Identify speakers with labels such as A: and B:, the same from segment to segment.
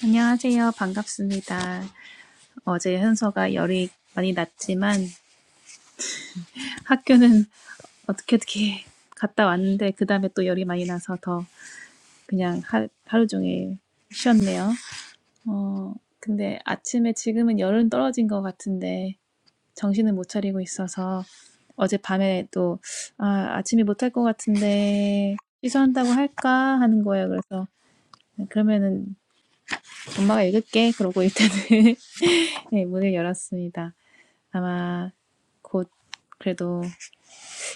A: 안녕하세요. 반갑습니다. 어제 현서가 열이 많이 났지만 학교는 어떻게 어떻게 갔다 왔는데 그 다음에 또 열이 많이 나서 더 그냥 하, 하루 종일 쉬었네요. 어, 근데 아침에 지금은 열은 떨어진 것 같은데 정신을 못 차리고 있어서 어젯밤에 또 아, 아침에 못할 것 같은데 취소한다고 할까 하는 거예요. 그래서 그러면은 엄마가 읽을게. 그러고 일단은 네, 문을 열었습니다. 아마 곧 그래도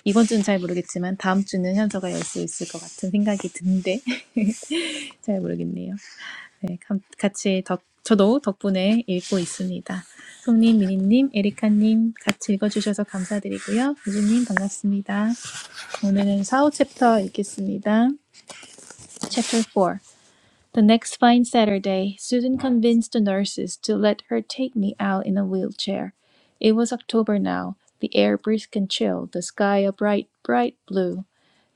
A: 이번 주는 잘 모르겠지만 다음 주는 현서가 열 수 있을 것 같은 생각이 드는데 잘 모르겠네요. 네, 감- 같이 덕, 저도 덕분에 읽고 있습니다. 송님, 미니님, 에리카님 같이 읽어주셔서 감사드리고요. 유주님 반갑습니다. 오늘은 사5 챕터 읽겠습니다. Chapter 4. The next fine Saturday, Susan convinced the nurses to let her take me out in a wheelchair. It was October now, the air brisk and chill, the sky a bright, bright blue.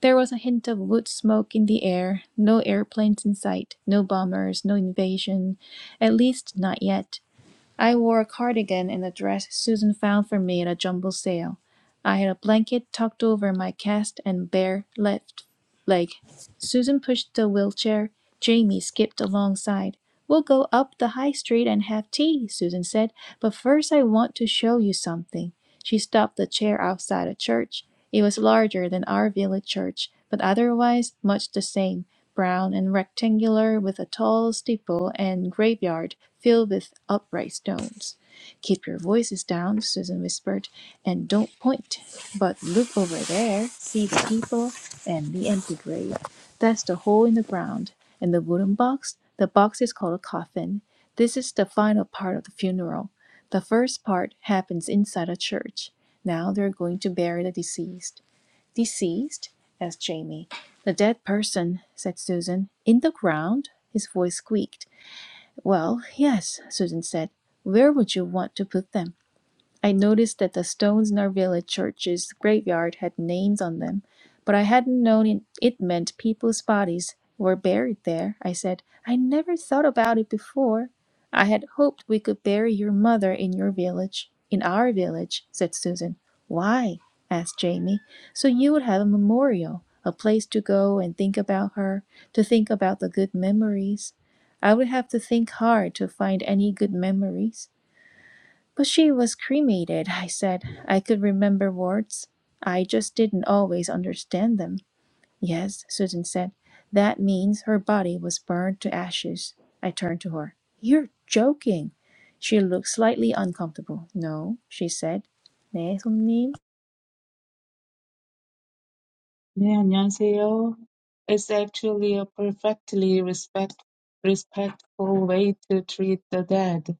A: There was a hint of wood smoke in the air, no airplanes in sight, no bombers, no invasion, at least not yet. I wore a cardigan and a dress Susan found for me at a jumble sale. I had a blanket tucked over my cast and bare left leg. Susan pushed the wheelchair. Jamie skipped alongside. We'll go up the high street and have tea, Susan said, but first I want to show you something. She stopped the chair outside a church. It was larger than our village church, but otherwise much the same, brown and rectangular with a tall steeple and graveyard filled with upright stones. Keep your voices down, Susan whispered, and don't point, but look over there, see the people and the empty grave. That's the hole in the ground. And the wooden box? The box is called a coffin. This is the final part of the funeral. The first part happens inside a church. Now they're going to bury the deceased. Deceased? asked Jamie. The dead person, said Susan. In the ground? His voice squeaked. Well, yes, Susan said. Where would you want to put them? I noticed that the stones in our village church's graveyard had names on them, but I hadn't known it meant people's bodies were buried there. I said, I never thought about it before. I had hoped we could bury your mother in your village. In our village, said Susan. Why? asked Jamie. So you would have a memorial, a place to go and think about her, to think about the good memories. I would have to think hard to find any good memories. But she was cremated, I said. I could remember words. I just didn't always understand them. Yes, Susan said. That means her body was burned to ashes. I turned to her. You're joking. She looked slightly uncomfortable. No, she said. 네, 손님.
B: 네, 안녕하세요. It's actually a perfectly respect, respectful way to treat the dead,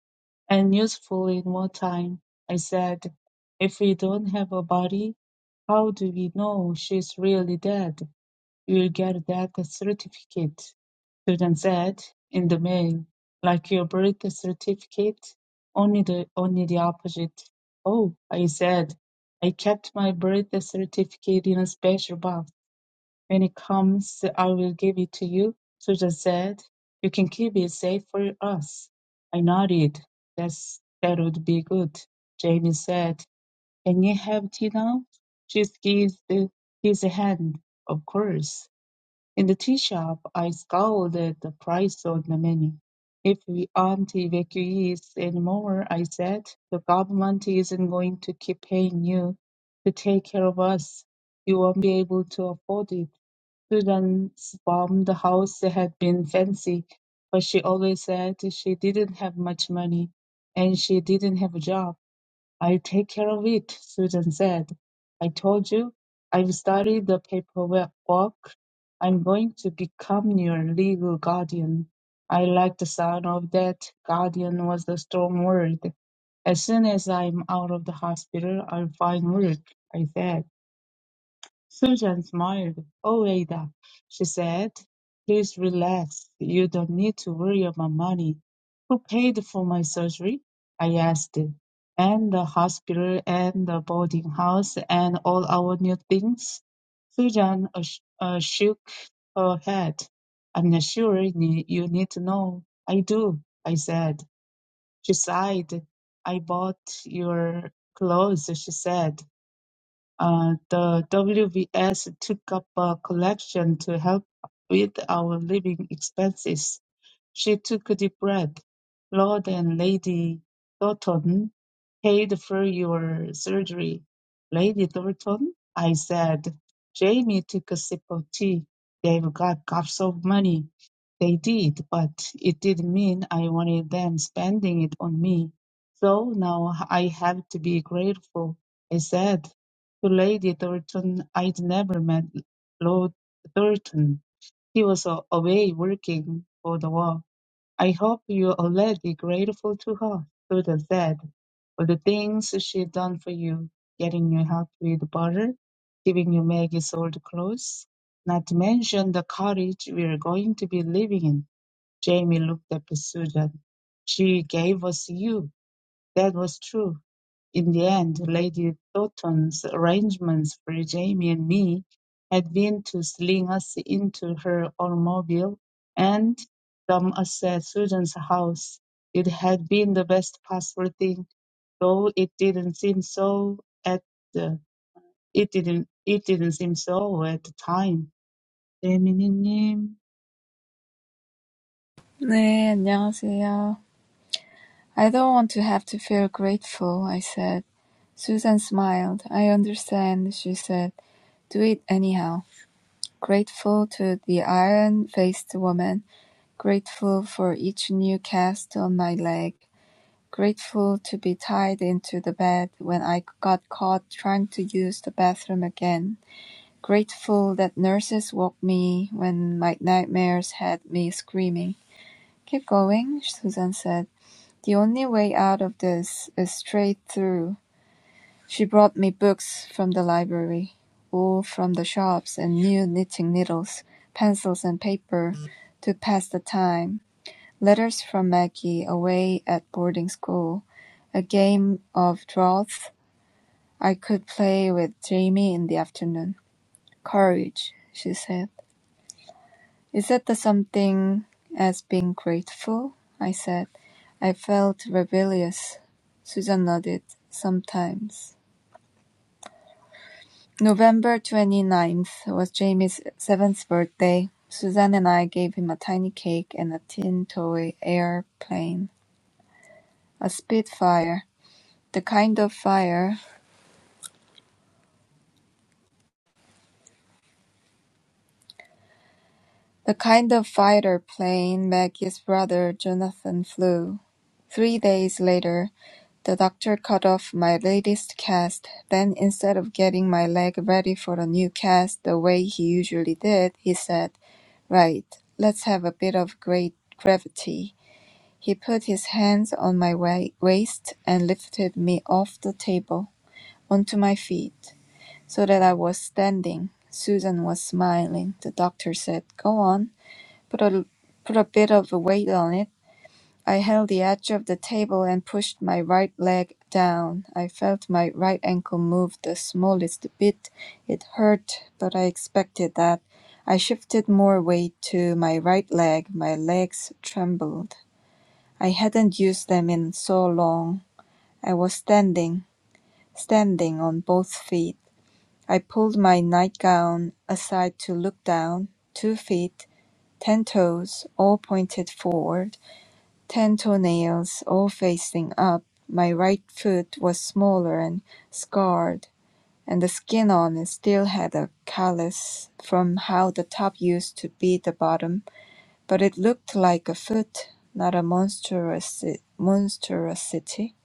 B: and useful in wartime, I said. If we don't have a body, how do we know she's really dead? You'll get that certificate, Susan said, in the mail, like your birth certificate, only the, only the opposite. Oh, I said. I kept my birth certificate in a special box when it comes, I will give it to you. Susan said, You can keep it safe for us. I nodded. That's, that would be good. Jamie said, Can you have tea now? She squeezed his hand. Of course. In the tea shop, I scowled at the price on the menu. If we aren't evacuees anymore, I said, the government isn't going to keep paying you to take care of us. You won't be able to afford it. Students bombed the house. They had been fancy, but she always said she didn't have much money and she didn't have a job. I'll take care of it, Susan said. I told you, I've studied the paperwork. I'm going to become your legal guardian. I like the sound of that. Guardian was a strong word. As soon as I'm out of the hospital, I'll find work, I said. Susan smiled. "Oh, Ada," she said, "please relax. You don't need to worry about money. Who paid for my surgery? I asked. And the hospital and the boarding house and all our new things? Susan uh, sh- uh, shook her head. I'm not sure you need you need to know. I do, I said. She sighed. I bought your clothes, she said. Uh, the WBS took up a collection to help with our living expenses. She took a deep breath. Lord and Lady Thornton paid for your surgery. Lady Thornton? I said. Jamie took a sip of tea. They've got gobs of money. They did, but it didn't mean I wanted them spending it on me. So now I have to be grateful, I said. To Lady Thornton I'd never met Lord Thornton. He was a- away working for the war. I hope you're already grateful to her, Doodle said. For the things she'd done for you, getting you help with butter, giving you Maggie's old clothes, not to mention the cottage we're going to be living in. Jamie looked at Susan. She gave us you. That was true. In the end, Lady Thornton's arrangements for Jamie and me had been to sling us into her automobile and dump us at Susan's house. It had been the best possible thing, though it didn't seem so at the it didn't it didn't seem so at the time. 대미니님,
C: "네, 안녕하세요. I don't want to have to feel grateful," I said. Susan smiled. "I understand," she said. "Do it anyhow." Grateful to the iron-faced woman, grateful for each new cast on my leg, grateful to be tied into the bed when I got caught trying to use the bathroom again, grateful that nurses woke me when my nightmares had me screaming. "Keep going," Susan said. The only way out of this is straight through. She brought me books from the library, wool from the shops, and new knitting needles, pencils and paper to pass the time, letters from Maggie away at boarding school, a game of draughts I could play with Jamie in the afternoon. Courage, she said. “Is that the something as being grateful?” I said. I felt rebellious. Susan nodded. “Sometimes.” November twenty-ninth was Jamie's seventh birthday. Susan and I gave him a tiny cake and a tin toy airplane, a Spitfire, the kind of fire The kind of fighter plane Maggie's brother Jonathan flew. Three days later, the doctor cut off my latest cast. Then, instead of getting my leg ready for the new cast the way he usually did, he said, Right, let's have a bit of great gravity. He put his hands on my wa- waist and lifted me off the table onto my feet so that I was standing. Susan was smiling. The doctor said, Go on. Put a, put a bit of weight on it. I held the edge of the table and pushed my right leg down. I felt my right ankle move the smallest bit. It hurt, but I expected that. I shifted more weight to my right leg. My legs trembled. I hadn't used them in so long. I was standing, standing on both feet. I pulled my nightgown aside to look down. Two feet, ten toes, all pointed forward. Ten toenails, all facing up, my right foot was smaller and scarred, and the skin on it still had a callus from how the top used to be the bottom, but it looked like a foot, not a monstrosity. monstrosity.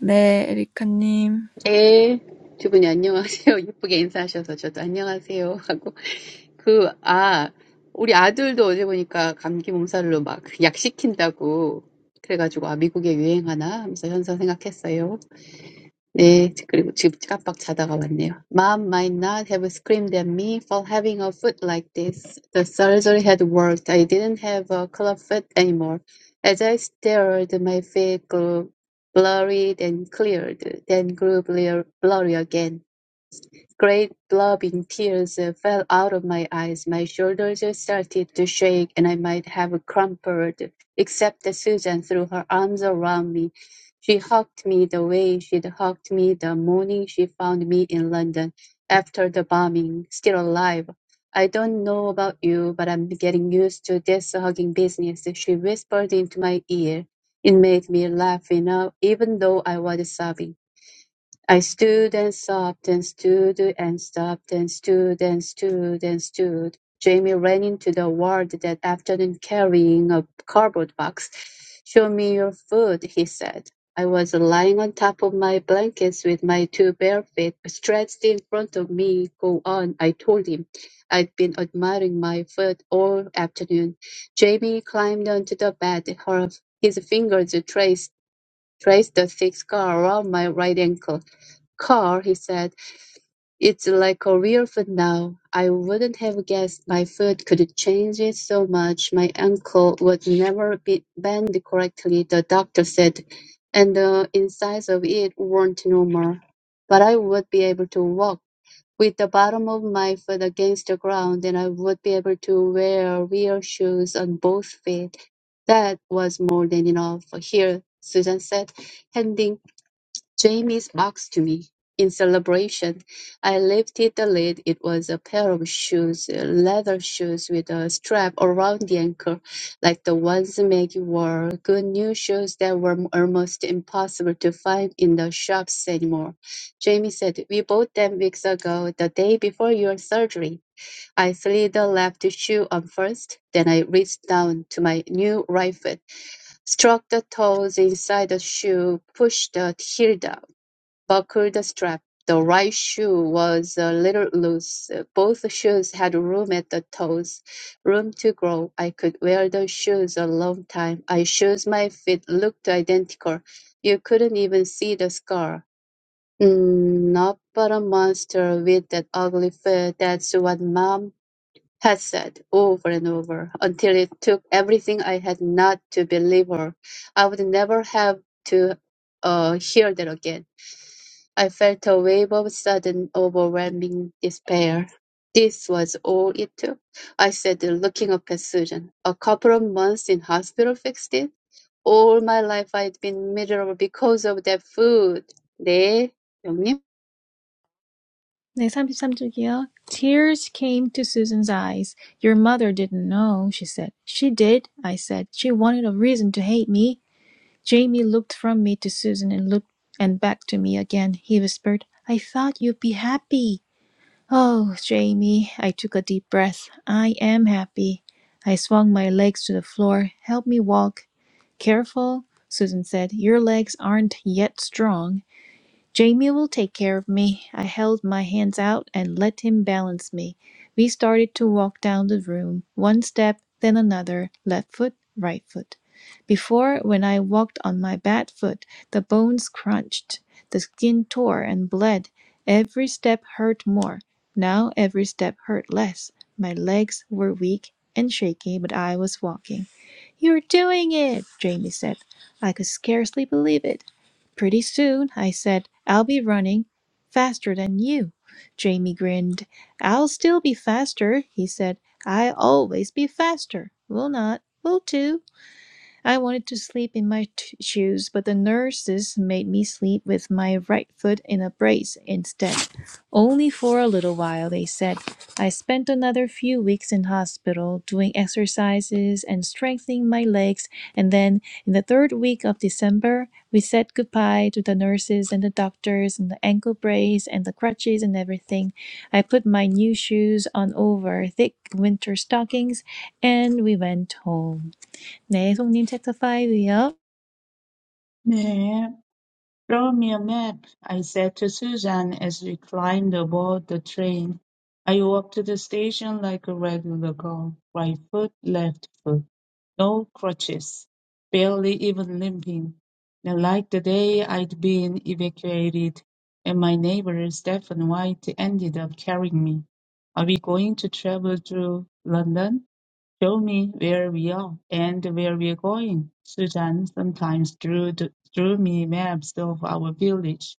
C: 네, 에리카님.
D: 예, 두 분이 안녕하세요. 예쁘게 인사하셔서 저도 안녕하세요 하고 그, 아, 우리 아들도 어제 보니까 감기 몸살로 막약 시킨다고 그래가지고 아, 미국에 유행하나 하면서 현서 생각했어요. 네, 그리고 지금 깜빡 자다가 왔네요. Mom might not have screamed at me for having a foot like this. The surgery had worked. I didn't have a club foot anymore. As I stared, my feet grew blurry, then cleared, then grew blur- blurry again. Great blobbing tears uh, fell out of my eyes. My shoulders uh, started to shake and I might have crumpled, except that Susan threw her arms around me. She hugged me the way she'd hugged me the morning she found me in London after the bombing, still alive. I don't know about you, but I'm getting used to this hugging business, she whispered into my ear. It made me laugh enough, even though I was sobbing. I stood and sobbed and stood and stopped and stood and stood and stood. Jamie ran into the ward that afternoon carrying a cardboard box. Show me your food, he said. I was lying on top of my blankets with my two bare feet stretched in front of me. Go on, I told him. I'd been admiring my foot all afternoon. Jamie climbed onto the bed. Her, his fingers traced, traced the thick scar around my right ankle. Carl, he said, it's like a real foot now. I wouldn't have guessed my foot could change it so much. My ankle would never be bend correctly, the doctor said, and the insides of it weren't normal. But I would be able to walk with the bottom of my foot against the ground, and I would be able to wear real shoes on both feet. That was more than enough. Here, Susan said, handing Jamie's box to me. In celebration, I lifted the lid. It was a pair of shoes, uh, leather shoes with a strap around the ankle, like the ones Maggie wore. Good new shoes that were m- almost impossible to find in the shops anymore. Jamie said, We bought them weeks ago, the day before your surgery. I slid the left shoe on first, then I reached down to my new right foot struck the toes inside the shoe, pushed the heel down buckled strap. The right shoe was a little loose. Both shoes had room at the toes, room to grow. I could wear the shoes a long time. I shoes my feet looked identical. You couldn't even see the scar. Mm, not but a monster with that ugly foot. That's what mom had said over and over until it took everything I had not to believe her. I would never have to uh, hear that again. I felt a wave of sudden, overwhelming despair. This was all it took, I said, looking up at Susan. A couple of months in hospital fixed it. All my life I'd been miserable because of that food. 네, 영님.
A: 네, 33쪽이요. Tears came to Susan's eyes. Your mother didn't know, she said. She did, I said. She wanted a reason to hate me. Jamie looked from me to Susan and looked and back to me again. He whispered, I thought you'd be happy. Oh, Jamie, I took a deep breath. I am happy. I swung my legs to the floor. Help me walk. Careful, Susan said. Your legs aren't yet strong. Jamie will take care of me. I held my hands out and let him balance me. We started to walk down the room, one step, then another, left foot, right foot. Before, when I walked on my bad foot, the bones crunched, the skin tore and bled. Every step hurt more. Now every step hurt less. My legs were weak and shaky, but I was walking. You're doing it, Jamie said. I could scarcely believe it. Pretty soon, I said, I'll be running faster than you. Jamie grinned. I'll still be faster, he said. I always be faster. Will not. Will too. I wanted to sleep in my t- shoes, but the nurses made me sleep with my right foot in a brace instead. Only for a little while, they said. I spent another few weeks in hospital doing exercises and strengthening my legs, and then in the third week of December, we said goodbye to the nurses and the doctors and the ankle brace and the crutches and everything. I put my new shoes on over thick winter stockings, and we went home. 네, 송님 챕터 5이요.
B: 네. Draw me a map, I said to Susan as we climbed aboard the train. I walked to the station like a regular girl, right foot, left foot, no crutches, barely even limping. And like the day I'd been evacuated, and my neighbor Stephen White ended up carrying me. Are we going to travel through London? Show me where we are and where we're going. Susan sometimes drew, drew me maps of our village,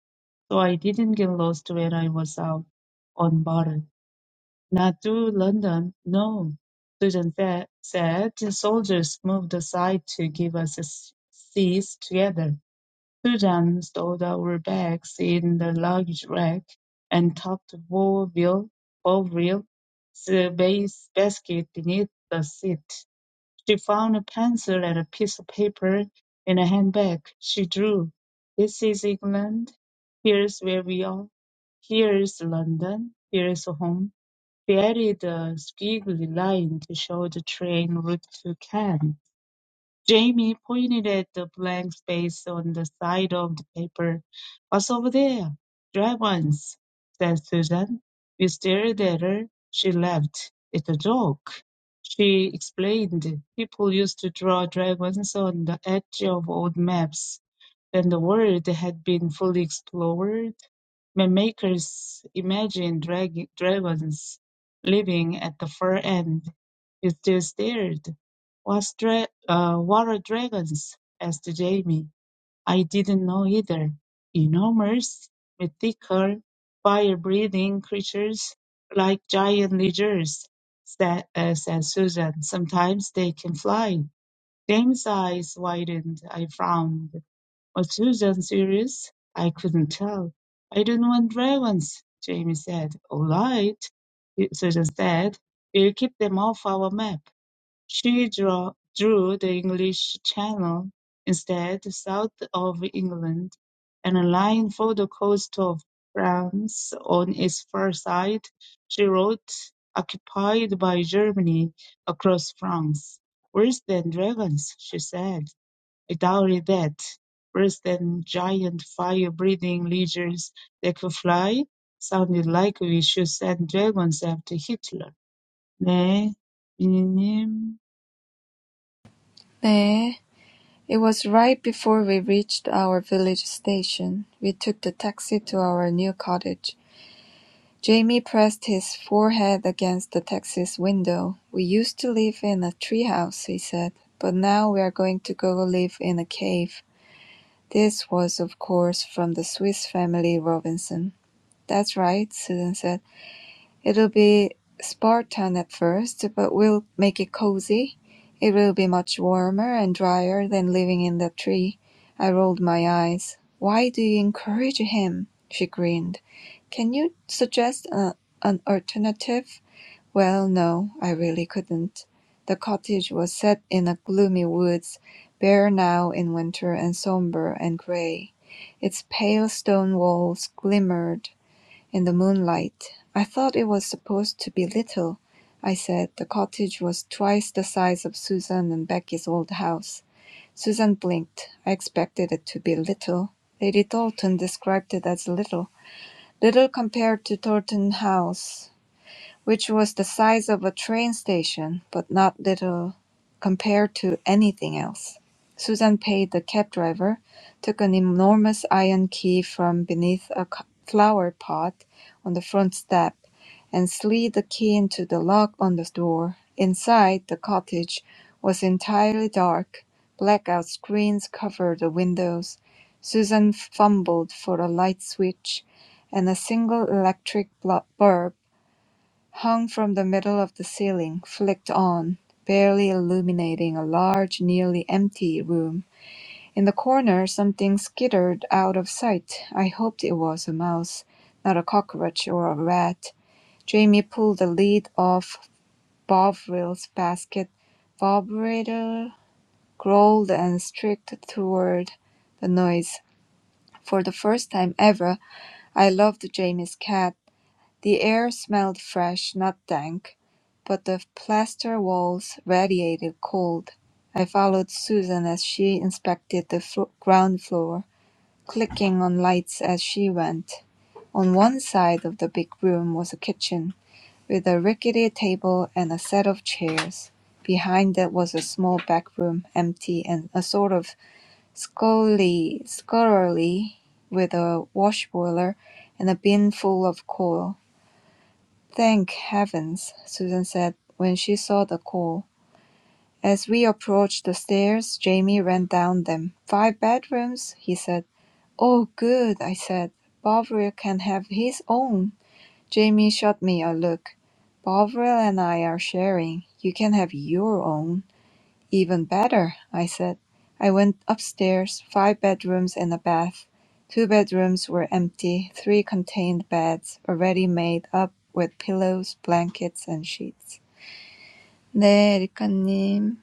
B: so I didn't get lost when I was out on water. Not to London, no, Susan said, said the soldiers moved aside to give us a s- seat together. Susan stowed our bags in the luggage rack and tucked four wheel, four wheel space basket beneath the seat. She found a pencil and a piece of paper in a handbag. She drew. This is England. Here's where we are. Here's London. Here's home. She added a squiggly line to show the train route to Cannes. Jamie pointed at the blank space on the side of the paper. What's over there? Dragons, said Susan. We stared at her. She laughed. It's a joke. She explained. People used to draw dragons on the edge of old maps than the world had been fully explored. Mapmakers imagined drag- dragons living at the far end. He still stared. What's dra- uh, what are dragons? asked Jamie. I didn't know either. Enormous, mythical, fire-breathing creatures like giant lizards, said, uh, said Susan. Sometimes they can fly. James' eyes widened. I frowned. Are Susan serious? I couldn't tell. I don't want dragons, Jamie said. All right, Susan said. We'll keep them off our map. She draw, drew the English Channel instead, south of England, and a line for the coast of France on its far side, she wrote, occupied by Germany across France. Worse than dragons, she said. A dowry that, worse than giant fire-breathing lizards that could fly, sounded like we should send dragons after Hitler. 네, 미니님.
C: 네. It was right before we reached our village station. We took the taxi to our new cottage. Jamie pressed his forehead against the taxi's window. "We used to live in a treehouse," he said, "but now we're going to go live in a cave." This was, of course, from the Swiss Family Robinson. "That's right," Susan said. It'll be Spartan at first, but we'll make it cozy. It will be much warmer and drier than living in that tree. I rolled my eyes. Why do you encourage him? She grinned. Can you suggest a, an alternative? Well, no, I really couldn't. The cottage was set in a gloomy woods, bare now in winter and somber and gray. Its pale stone walls glimmered in the moonlight. I thought it was supposed to be little, I said. The cottage was twice the size of Susan and Becky's old house. Susan blinked. I expected it to be little. Lady Thornton described it as little. Little compared to Thornton House which was the size of a train station, but not little compared to anything else. Susan paid the cab driver, took an enormous iron key from beneath a co- flower pot on the front step, and slid the key into the lock on the door. Inside, the cottage was entirely dark. Blackout screens covered the windows. Susan fumbled for a light switch, and a single electric blo- bulb hung from the middle of the ceiling, flicked on, barely illuminating a large, nearly empty room. In the corner something skittered out of sight. I hoped it was a mouse, not a cockroach or a rat. Jamie pulled the lid off Bovril's basket. Bovril growled and streaked toward the noise. For the first time ever, I loved Jamie's cat the air smelled fresh, not dank, but the plaster walls radiated cold. I followed Susan as she inspected the flo- ground floor, clicking on lights as she went. On one side of the big room was a kitchen, with a rickety table and a set of chairs. Behind it was a small back room, empty and a sort of scullery, scullery with a wash boiler and a bin full of coal. Thank heavens, Susan said when she saw the call. As we approached the stairs, Jamie ran down them. Five bedrooms, he said. Oh, good, I said. Bovril can have his own. Jamie shot me a look. Bovril and I are sharing. You can have your own. "Even better," I said. I went upstairs, five bedrooms and a bath. Two bedrooms were empty, three contained beds, already made up with pillows, blankets, and sheets. 네, 리카님.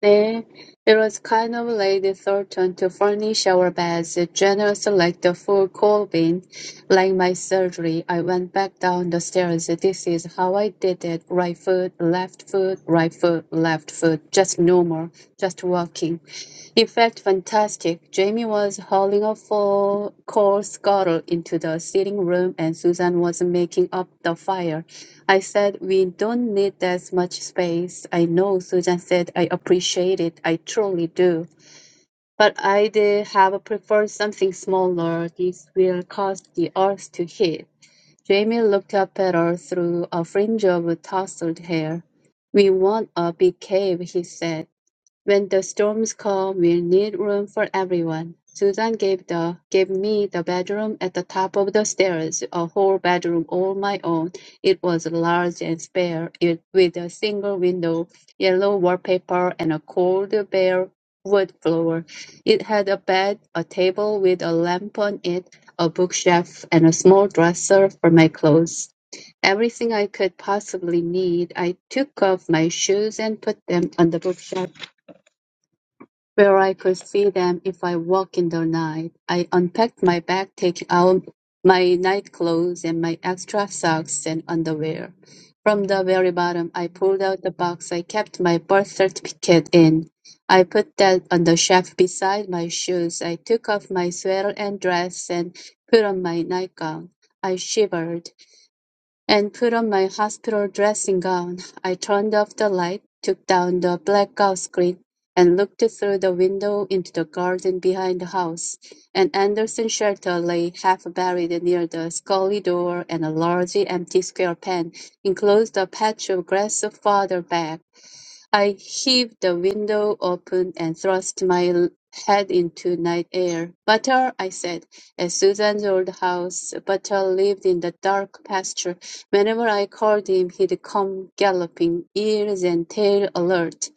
D: Then it was kind of Lady Thornton to furnish our beds, generous like the fool Corbin. Like my surgery, I went back down the stairs. This is how I did it. Right foot, left foot, right foot, left foot. Just normal, just walking. It felt fantastic. Jamie was hauling a full coal scuttle into the sitting room, and Susan was making up the fire. I said, we don't need that much space. I know Susan said, I appreciate it. I truly do. But I'd have preferred something smaller. This will cause the earth to heat. Jamie looked up at her through a fringe of tousled hair. We want a big cave, he said. When the storms come, we'll need room for everyone. Susan gave the gave me the bedroom at the top of the stairs, a whole bedroom all my own. It was large and spare, it, with a single window, yellow wallpaper, and a cold bare wood floor. It had a bed, a table with a lamp on it, a bookshelf, and a small dresser for my clothes everything I could possibly need. I took off my shoes and put them on the bookshelf where I could see them if I walked in the night. I unpacked my bag, taking out my night clothes and my extra socks and underwear. From the very bottom, I pulled out the box I kept my birth certificate in. I put that on the shelf beside my shoes. I took off my sweater and dress and put on my nightgown. I shivered and put on my hospital dressing gown. I turned off the light, took down the blackout screen, and looked through the window into the garden behind the house. An Anderson shelter lay half buried near the scullery door, and a large empty square pen enclosed a patch of grass farther back. I heaved the window open and thrust my l- head into night air. "Butter," I said. At Susan's old house, Butter lived in the dark pasture. Whenever I called him, he'd come galloping, ears and tail alert.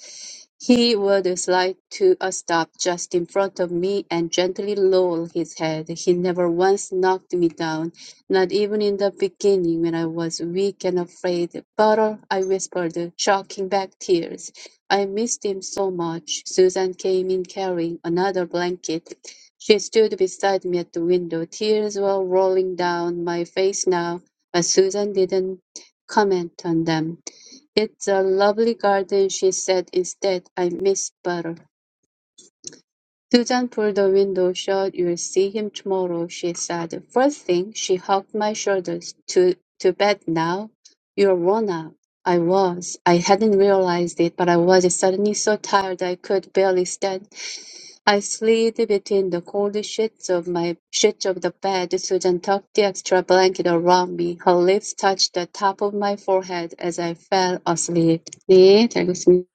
D: He would slide to a stop just in front of me and gently lower his head. He never once knocked me down. Not even in the beginning, when I was weak and afraid. Butter, I whispered, choking back tears. I missed him so much. Susan came in carrying another blanket. She stood beside me at the window. Tears were rolling down my face now, but Susan didn't comment on them. It's a lovely garden, she said instead. I miss butter. Susan pulled the window shut. "You'll see him tomorrow," she said. First thing, she hugged my shoulders. "To to bed now? You're worn out." I was. I hadn't realized it, but I was suddenly so tired I could barely stand. I slid between the cold sheets of my sheets of the bed. Susan tucked the extra blanket around me. Her lips touched the top of my forehead as I fell asleep. 네, 잘 읽었습니다.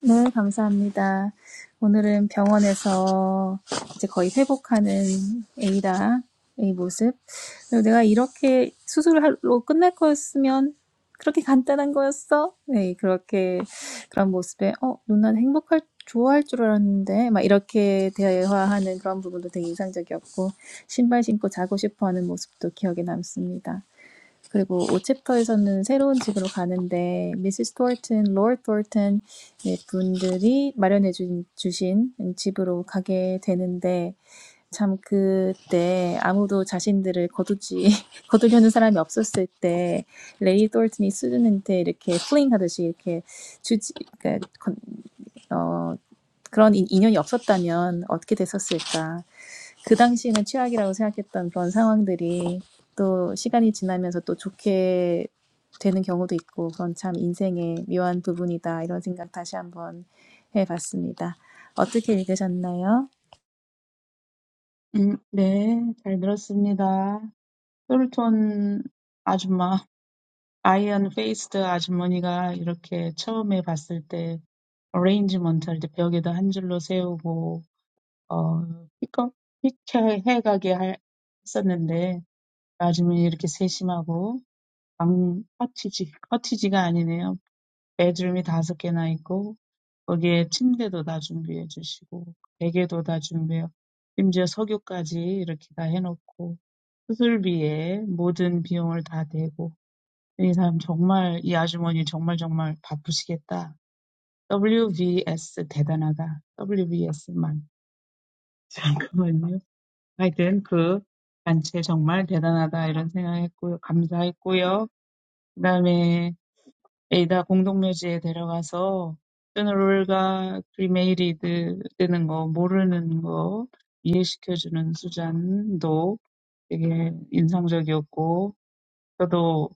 A: 네, 감사합니다. 오늘은 병원에서 이제 거의 회복하는 에이다의 모습. 그리고 내가 이렇게 수술로 끝날 거였으면 그렇게 간단한 거였어? 네, 그렇게 그런 모습에 어, 누나는 행복할 좋아할 줄 알았는데 막 이렇게 대화하는 그런 부분도 되게 인상적이었고 신발 신고 자고 싶어하는 모습도 기억에 남습니다. 그리고 오 챕터에서는 새로운 집으로 가는데 미스 스토어튼, 로드 스토어튼 분들이 마련해 주신 집으로 가게 되는데 참 그때 아무도 자신들을 거두지 거두려는 사람이 없었을 때 레이 스토어튼이 수준한테 이렇게 플링하듯이 이렇게 주지 그러니까 어, 그런 인연이 없었다면 어떻게 됐었을까? 그 당시에는 최악이라고 생각했던 그런 상황들이 또 시간이 지나면서 또 좋게 되는 경우도 있고 그건 참 인생의 묘한 부분이다 이런 생각 다시 한번 해봤습니다. 어떻게 읽으셨나요?
B: 음, 네, 잘 들었습니다. 솔톤 아줌마, 아이언 페이스드 아주머니가 이렇게 처음에 봤을 때 어레인지먼트 할때 벽에다 한 줄로 세우고 어 픽업 픽해가게 할- 했었는데 나중에 이렇게 세심하고 Furniture, furniture is not. Bedroom is five pieces. And here, the bed is all prepared. Pillow is all prepared. Even the oil is like this. All prepared. The surgery fee, all the costs are covered. This person is really, this lady is really, really busy. WBS is great. WBS man. Wait a minute. I thank the group. Really great. I thought. Thank you. 에이다 공동묘지에 데려가서 쭈누룰가 크리메이리드 되는 거 모르는 거 이해시켜주는 수잔도 되게 인상적이었고 저도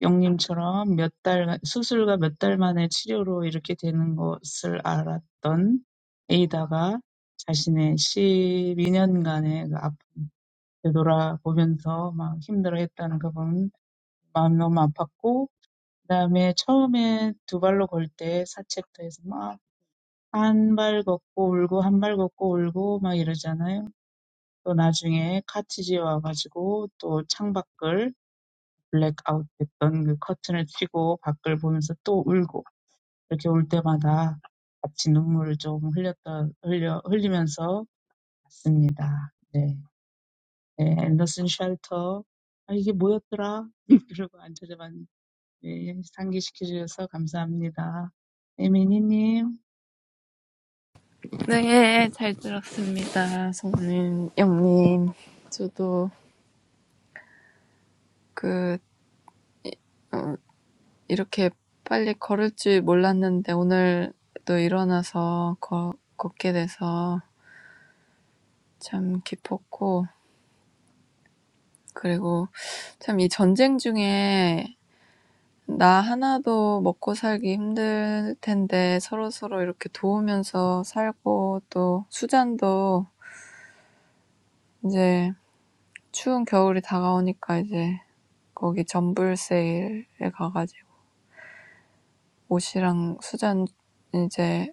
B: 영님처럼 몇 달, 수술과 몇달 만에 치료로 이렇게 되는 것을 알았던 에이다가 자신의 12년간의 그 아픔 되돌아보면서 막 힘들어했다는 그 부분 마음 너무 아팠고 그다음에 처음에 두 발로 걸때 사책도 해서 막 한 발 걷고 울고 한발 걷고 울고 막 이러잖아요. 또 나중에 카티지에 와가지고 또 창밖을 블랙아웃 됐던 그 커튼을 치고 밖을 보면서 또 울고 이렇게 올 때마다 같이 눈물을 좀 흘렸다 흘려 흘리면서 봤습니다. 네, 네 앤더슨 쉘터 아 이게 뭐였더라? 그러고 안 찾아봤는데 네, 상기시켜 주셔서 감사합니다. 에미니님.
C: 네, 잘 들었습니다. 성님, 영님. 저도 그, 이렇게 빨리 걸을 줄 몰랐는데 오늘도 일어나서 거, 걷게 돼서 참 기뻤고, 그리고 참이 전쟁 중에 나 하나도 먹고 살기 힘들 텐데 서로서로 이렇게 도우면서 살고 또 수잔도 이제 추운 겨울이 다가오니까 이제 거기 전불 세일에 가 옷이랑 수잔 이제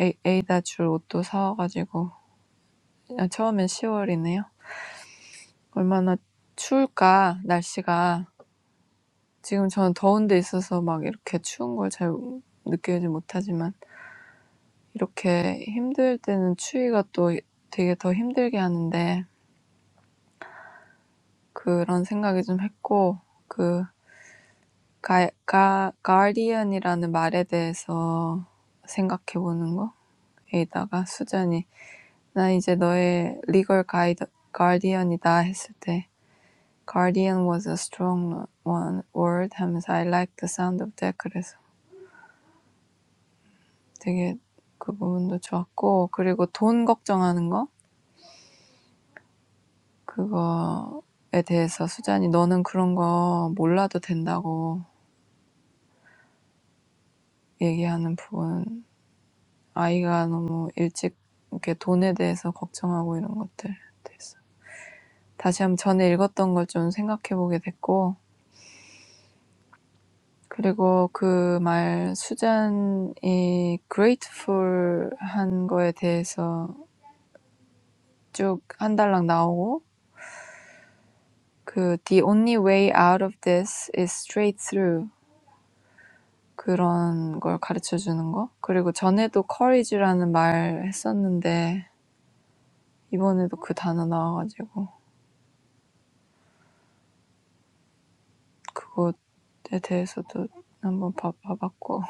C: 에이 에이다 줄 옷도 사와가지고 아 처음엔 10 얼마나 추울까 날씨가. 지금 저는 더운 데 있어서 막 이렇게 추운 걸 잘 느끼지 못하지만 이렇게 힘들 때는 추위가 또 되게 더 힘들게 하는데 그런 생각이 좀 했고 그 가, 가, 가디언이라는 말에 대해서 생각해 보는 거에다가 수잔이 나 이제 너의 리걸 가이드 가디언이다 했을 때 guardian was a strong one word 하면서 I like the sound of that 그래서 되게 그 부분도 좋았고 그리고 돈 걱정하는 거 그거에 대해서 수잔이 너는 그런 거 몰라도 된다고 얘기하는 부분, 아이가 너무 일찍 이렇게 돈에 대해서 걱정하고 이런 것들 대해서 다시 한번 전에 읽었던 걸 좀 생각해 보게 됐고, 그리고 그 말 수잔이 grateful한 거에 대해서 쭉한 달랑 나오고, 그 the only way out of this is straight through 그런 걸 가르쳐 주는 거? 그리고 전에도 courage라는 말 했었는데 이번에도 그 단어 나와가지고 가지고 그것에 대해서도 한번 봐, 봐봤고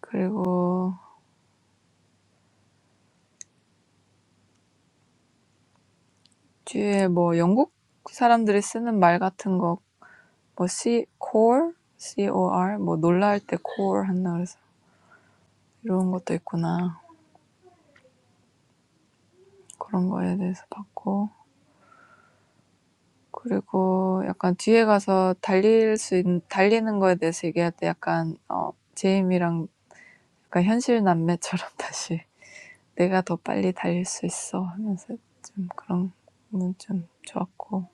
C: 그리고 뒤에 뭐 영국 사람들이 쓰는 말 같은 거뭐 C core C O R 뭐 놀랄 때 core 한다 그래서 이런 것도 있구나 그런 거에 대해서 봤고 그리고 약간 뒤에 가서 달릴 수 있, 달리는 거에 대해서 얘기할 때 약간 어 제임이랑 그러니까 현실 남매처럼 다시 내가 더 빨리 달릴 수 있어 하면서 좀 그런 거는 좀 좋았고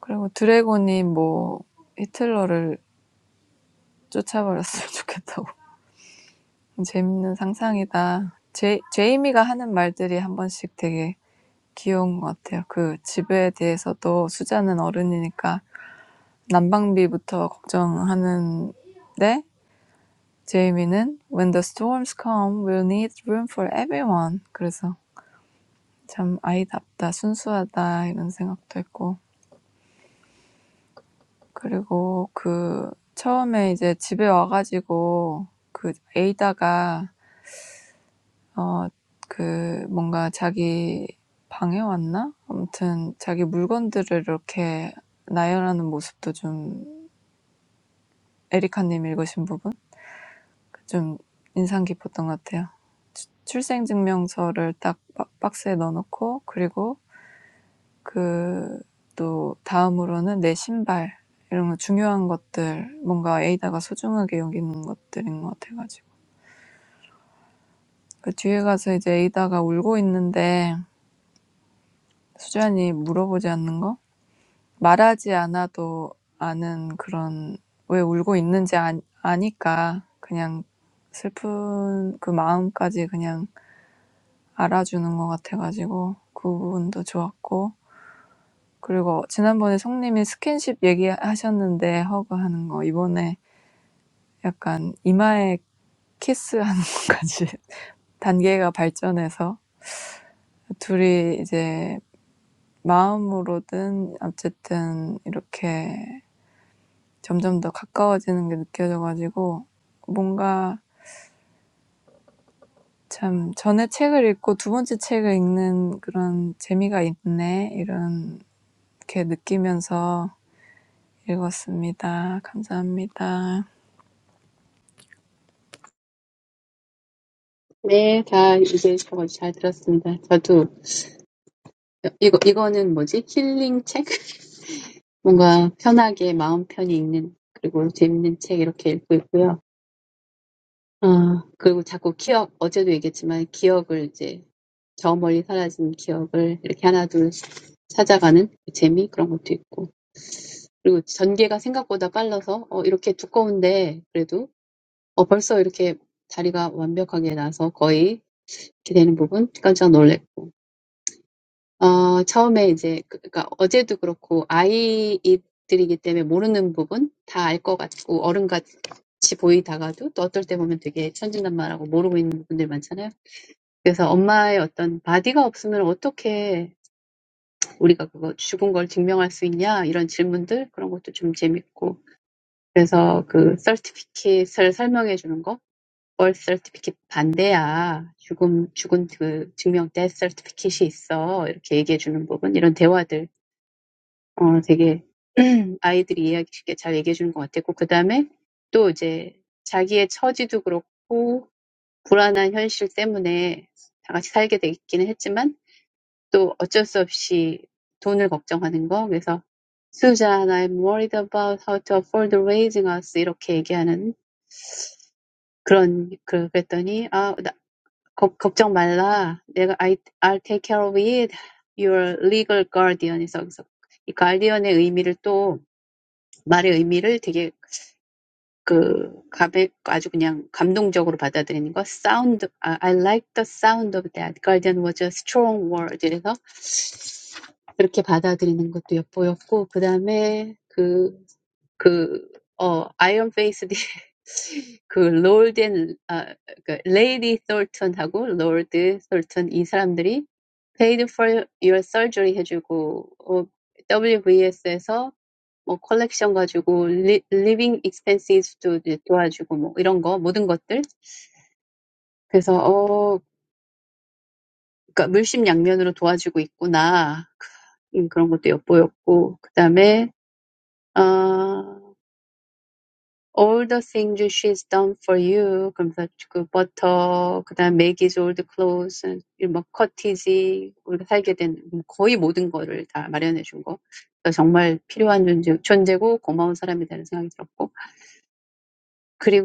C: 그리고 드래곤이 뭐 히틀러를 쫓아버렸으면 좋겠다고 재밌는 상상이다 제, 제이미가 하는 말들이 한 번씩 되게 귀여운 것 같아요 그 집에 대해서도 수자는 어른이니까 난방비부터 걱정하는데 제이미는 When the storms come, we'll need room for everyone 그래서 참 아이답다, 순수하다 이런 생각도 했고 그리고 그 처음에 이제 집에 와가지고 그 에이다가 어 그 뭔가 자기 방에 왔나? 아무튼 자기 물건들을 이렇게 나열하는 모습도 좀 에리카님 읽으신 부분? 좀 인상 깊었던 것 같아요. 출생증명서를 딱박 박스에 넣어놓고 그리고 그 또 다음으로는 내 신발 이런 거 중요한 것들 뭔가 에이다가 소중하게 여기는 것들인 것 같아가지고 그 뒤에 가서 이제 에이다가 울고 있는데 수잔이 물어보지 않는 거 말하지 않아도 아는 그런 왜 울고 있는지 아, 아니까 그냥 슬픈 그 마음까지 그냥 알아주는 것 같아가지고 그 부분도 좋았고 그리고 지난번에 성님이 스킨십 얘기하셨는데 허그하는 거 이번에 약간 이마에 키스하는 것까지 단계가 발전해서 둘이 이제 마음으로든 어쨌든 이렇게 점점 더 가까워지는 게 느껴져가지고 뭔가 참 전에 책을 읽고 두 번째 책을 읽는 그런 재미가 있네 이런 이렇게 느끼면서 읽었습니다. 감사합니다.
D: 네, 다 이제 저잘 들었습니다. 저도 이거, 이거는 뭐지? 힐링 책? 뭔가 편하게 마음 편히 읽는, 그리고 재밌는 책 이렇게 읽고 있고요. 아, 그리고 자꾸 기억, 어제도 얘기했지만 기억을 이제 저 멀리 사라진 기억을 이렇게 하나 둘 찾아가는 재미 그런 것도 있고. 그리고 전개가 생각보다 빨라서 어, 이렇게 두꺼운데 그래도 어, 벌써 이렇게 다리가 완벽하게 나서 거의 이렇게 되는 부분 깜짝 놀랬고. 어, 처음에 이제, 그- 그러니까 어제도 그렇고, 아이들이기 때문에 모르는 부분 다알 다알것 같고, 어른같이 보이다가도 또 어떨 때 보면 되게 천진난만하고 모르고 있는 분들 많잖아요. 그래서 엄마의 어떤 바디가 없으면 어떻게 우리가 그거 죽은 걸 증명할 수 있냐? 이런 질문들, 그런 것도 좀 재밌고. 그래서 그 서티피킷을 설명해 주는 거, 벌 서티피킷 반대야. 죽음, 죽은 그 증명 때 서티피킷이 있어. 이렇게 얘기해 주는 부분, 이런 대화들. 어 되게 아이들이 이해하기 쉽게 잘 얘기해 주는 것 같았고 그 다음에 또 이제 자기의 처지도 그렇고 불안한 현실 때문에 다 같이 살게 돼 했지만 또 어쩔 수 없이 돈을 걱정하는 거 그래서 Susan, I'm worried about how to afford raising us 이렇게 얘기하는 그런 그- 그랬더니 아, 나, 걱- 걱정 말라. 내가 I, I'll take care of it. Your legal guardian. 그래서 그래서 이 guardian의 의미를 또 말의 의미를 되게 그 가볍 아주 그냥 감동적으로 받아들이는 거 sound 아, I like the sound of that garden was a strong word 이래서 그렇게 받아들이는 것도 엿보였고 그다음에 그 the Iron Face, the Lord and Lady Thornton, and Lord Thornton. These people paid for your surgery, and WVS collected living expenses to help with all these things. So, they're doing both sides of the coin. That was also shown. Then, All the things she's done for you, from the butter, then making all the clothes and like cortesy, all the things we had to do, almost all the things she prepared for us. So, I really needed her. She was a very grateful person.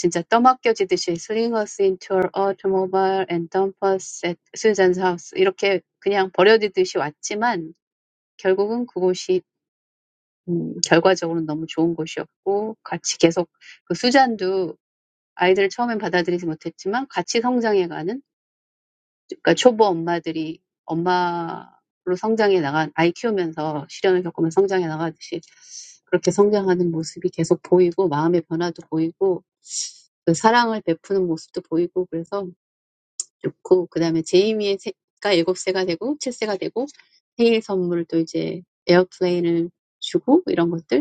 D: And then, like she was thrown away, she came to us in her car and her house. She just left us like we were trash. But in the end, it was a very good place. We kept the furniture. 아이들을 처음엔 받아들이지 못했지만 같이 성장해가는 그러니까 초보 엄마들이 엄마로 성장해 나간 아이 키우면서 시련을 겪으면 성장해 나가듯이 그렇게 성장하는 모습이 계속 보이고 마음의 변화도 보이고 그 사랑을 베푸는 모습도 보이고 그래서 좋고 그다음에 제이미의 새가 7세가 되고 7세가 되고 생일 선물을 또 이제 에어플레인을 주고 이런 것들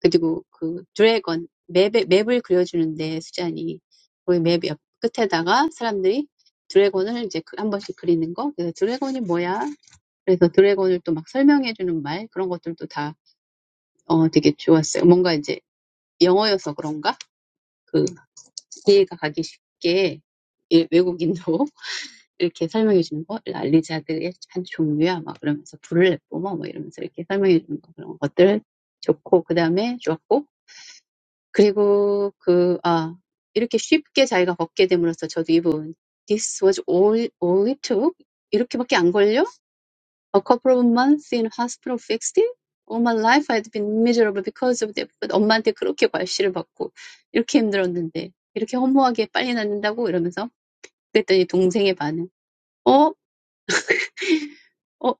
D: 그리고 그 드래곤 맵에 맵을 그려주는데 수잔이 그맵옆 끝에다가 사람들이 드래곤을 이제 그- 한 번씩 그리는 거 그래서 드래곤이 뭐야 그래서 드래곤을 또막 설명해주는 말 그런 것들도 다 어, 되게 좋았어요 뭔가 이제 영어여서 그런가 그 이해가 가기 쉽게 예, 외국인도 이렇게 설명해주는 거 알리자드의 한 종류야 막 그러면서 불을 뿜어 뭐 이러면서 이렇게 설명해주는 거 그런 것들 좋고 그 다음에 좋았고 그리고 그, 아, 이렇게 쉽게 자기가 걷게 됨으로써 저도 이분, this was all, all it took? 이렇게밖에 안 걸려? A couple of months in hospital fixed it? All my life I'd been miserable because of that. But 엄마한테 그렇게 괄시를 받고, 이렇게 힘들었는데, 이렇게 허무하게 빨리 낫는다고 이러면서. 그랬더니 동생의 반응. 어? 어,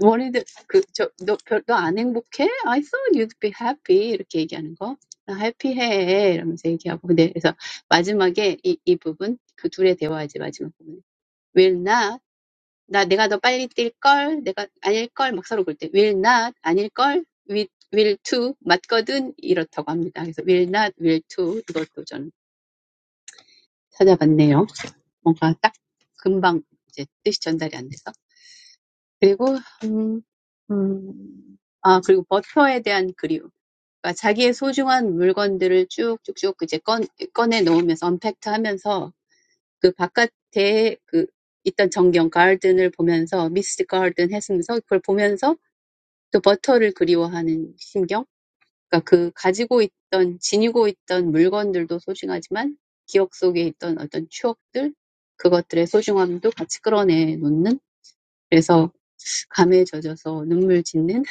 D: 원래들 그, 저, 너, 별, 너안 행복해? I thought you'd be happy. 이렇게 얘기하는 거. 나 해피해. 이러면서 얘기하고. 근데 그래서 마지막에 이, 이 부분, 그 둘의 대화이지, 마지막 부분. Will not. 나, 내가 더 빨리 뛸걸? 내가 아닐걸? 막 서로 그럴 때. Will not. 아닐걸? Will, will to. 맞거든? 이렇다고 합니다. 그래서 will not, will to. 이것도 전 찾아봤네요. 뭔가 딱 금방 이제 뜻이 전달이 안 돼서. 그리고 음, 음, 아 그리고 버터에 대한 그리움. 그러니까 자기의 소중한 물건들을 쭉쭉쭉 이제 꺼, 꺼내 놓으면서 언팩트 하면서 그 바깥에 그 있던 전경 가든을 보면서 미스트 가든 했으면서 그걸 보면서 또 버터를 그리워하는 심경. 그러니까 그 가지고 있던 지니고 있던 물건들도 소중하지만 기억 속에 있던 어떤 추억들 그것들의 소중함도 같이 끌어내 놓는 그래서 감에 젖어서 눈물 짓는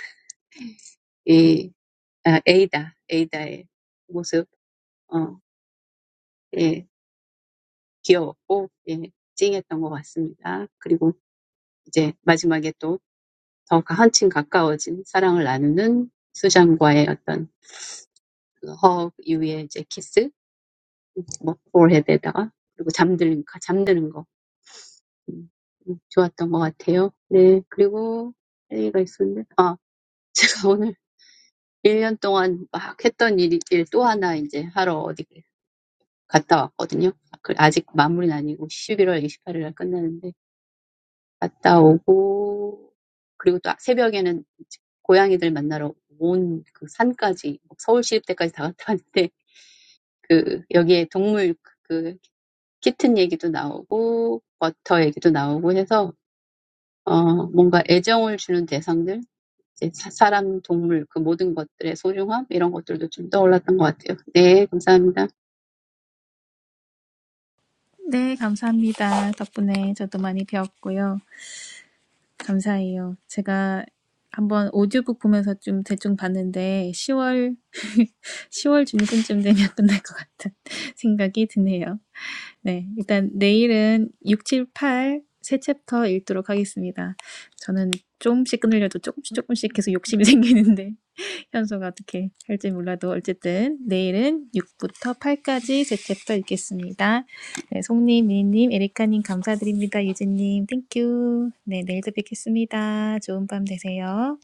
D: 예, 아, 모습, 어, 예, 귀여웠고, 예, 찡했던 것 같습니다. 그리고 이제 마지막에 또 더 한층 가까워진 사랑을 나누는 수잔과의 어떤 그 허그 이후에 이제 키스, 뭐, forehead에다가, 그리고 잠드는, 거- 잠드는 거. 음, 음, 좋았던 것 같아요. 네, 그리고 할 얘기가 있었는데, 아, 제가 오늘 1년 동안 막 했던 일이, 일또 하나 이제 하러 어디 갔다 왔거든요. 그- 아직 마무리는 아니고 11월 28일 날 끝나는데 갔다 오고 그리고 또 새벽에는 이제 고양이들 만나러 온그 산까지 서울시립대까지 다 갔다 왔는데 그 여기에 동물 그 키튼 얘기도 나오고 버터 얘기도 나오고 해서 어 뭔가 애정을 주는 대상들 이제 사- 사람 동물 그 모든 것들의 소중함 이런 것들도 좀 떠올랐던 것 같아요. 네 감사합니다.
A: 네, 감사합니다. 덕분에 저도 많이 배웠고요. 감사해요. 제가 한번 오디오북 보면서 좀 대충 봤는데 10월 10월 중순쯤 되면 끝날 것 같은 생각이 드네요. 네, 일단 내일은 6, 7, 8 세 챕터 읽도록 하겠습니다. 저는 조금씩 끊으려도 조금씩 조금씩 계속 욕심이 생기는데 현서가 어떻게 할지 몰라도 어쨌든 내일은 6부터 8까지 세 챕터 읽겠습니다. 네, 송님, 미니님, 에리카님 감사드립니다. 유진님, 땡큐. 네, 내일도 뵙겠습니다. 좋은 밤 되세요.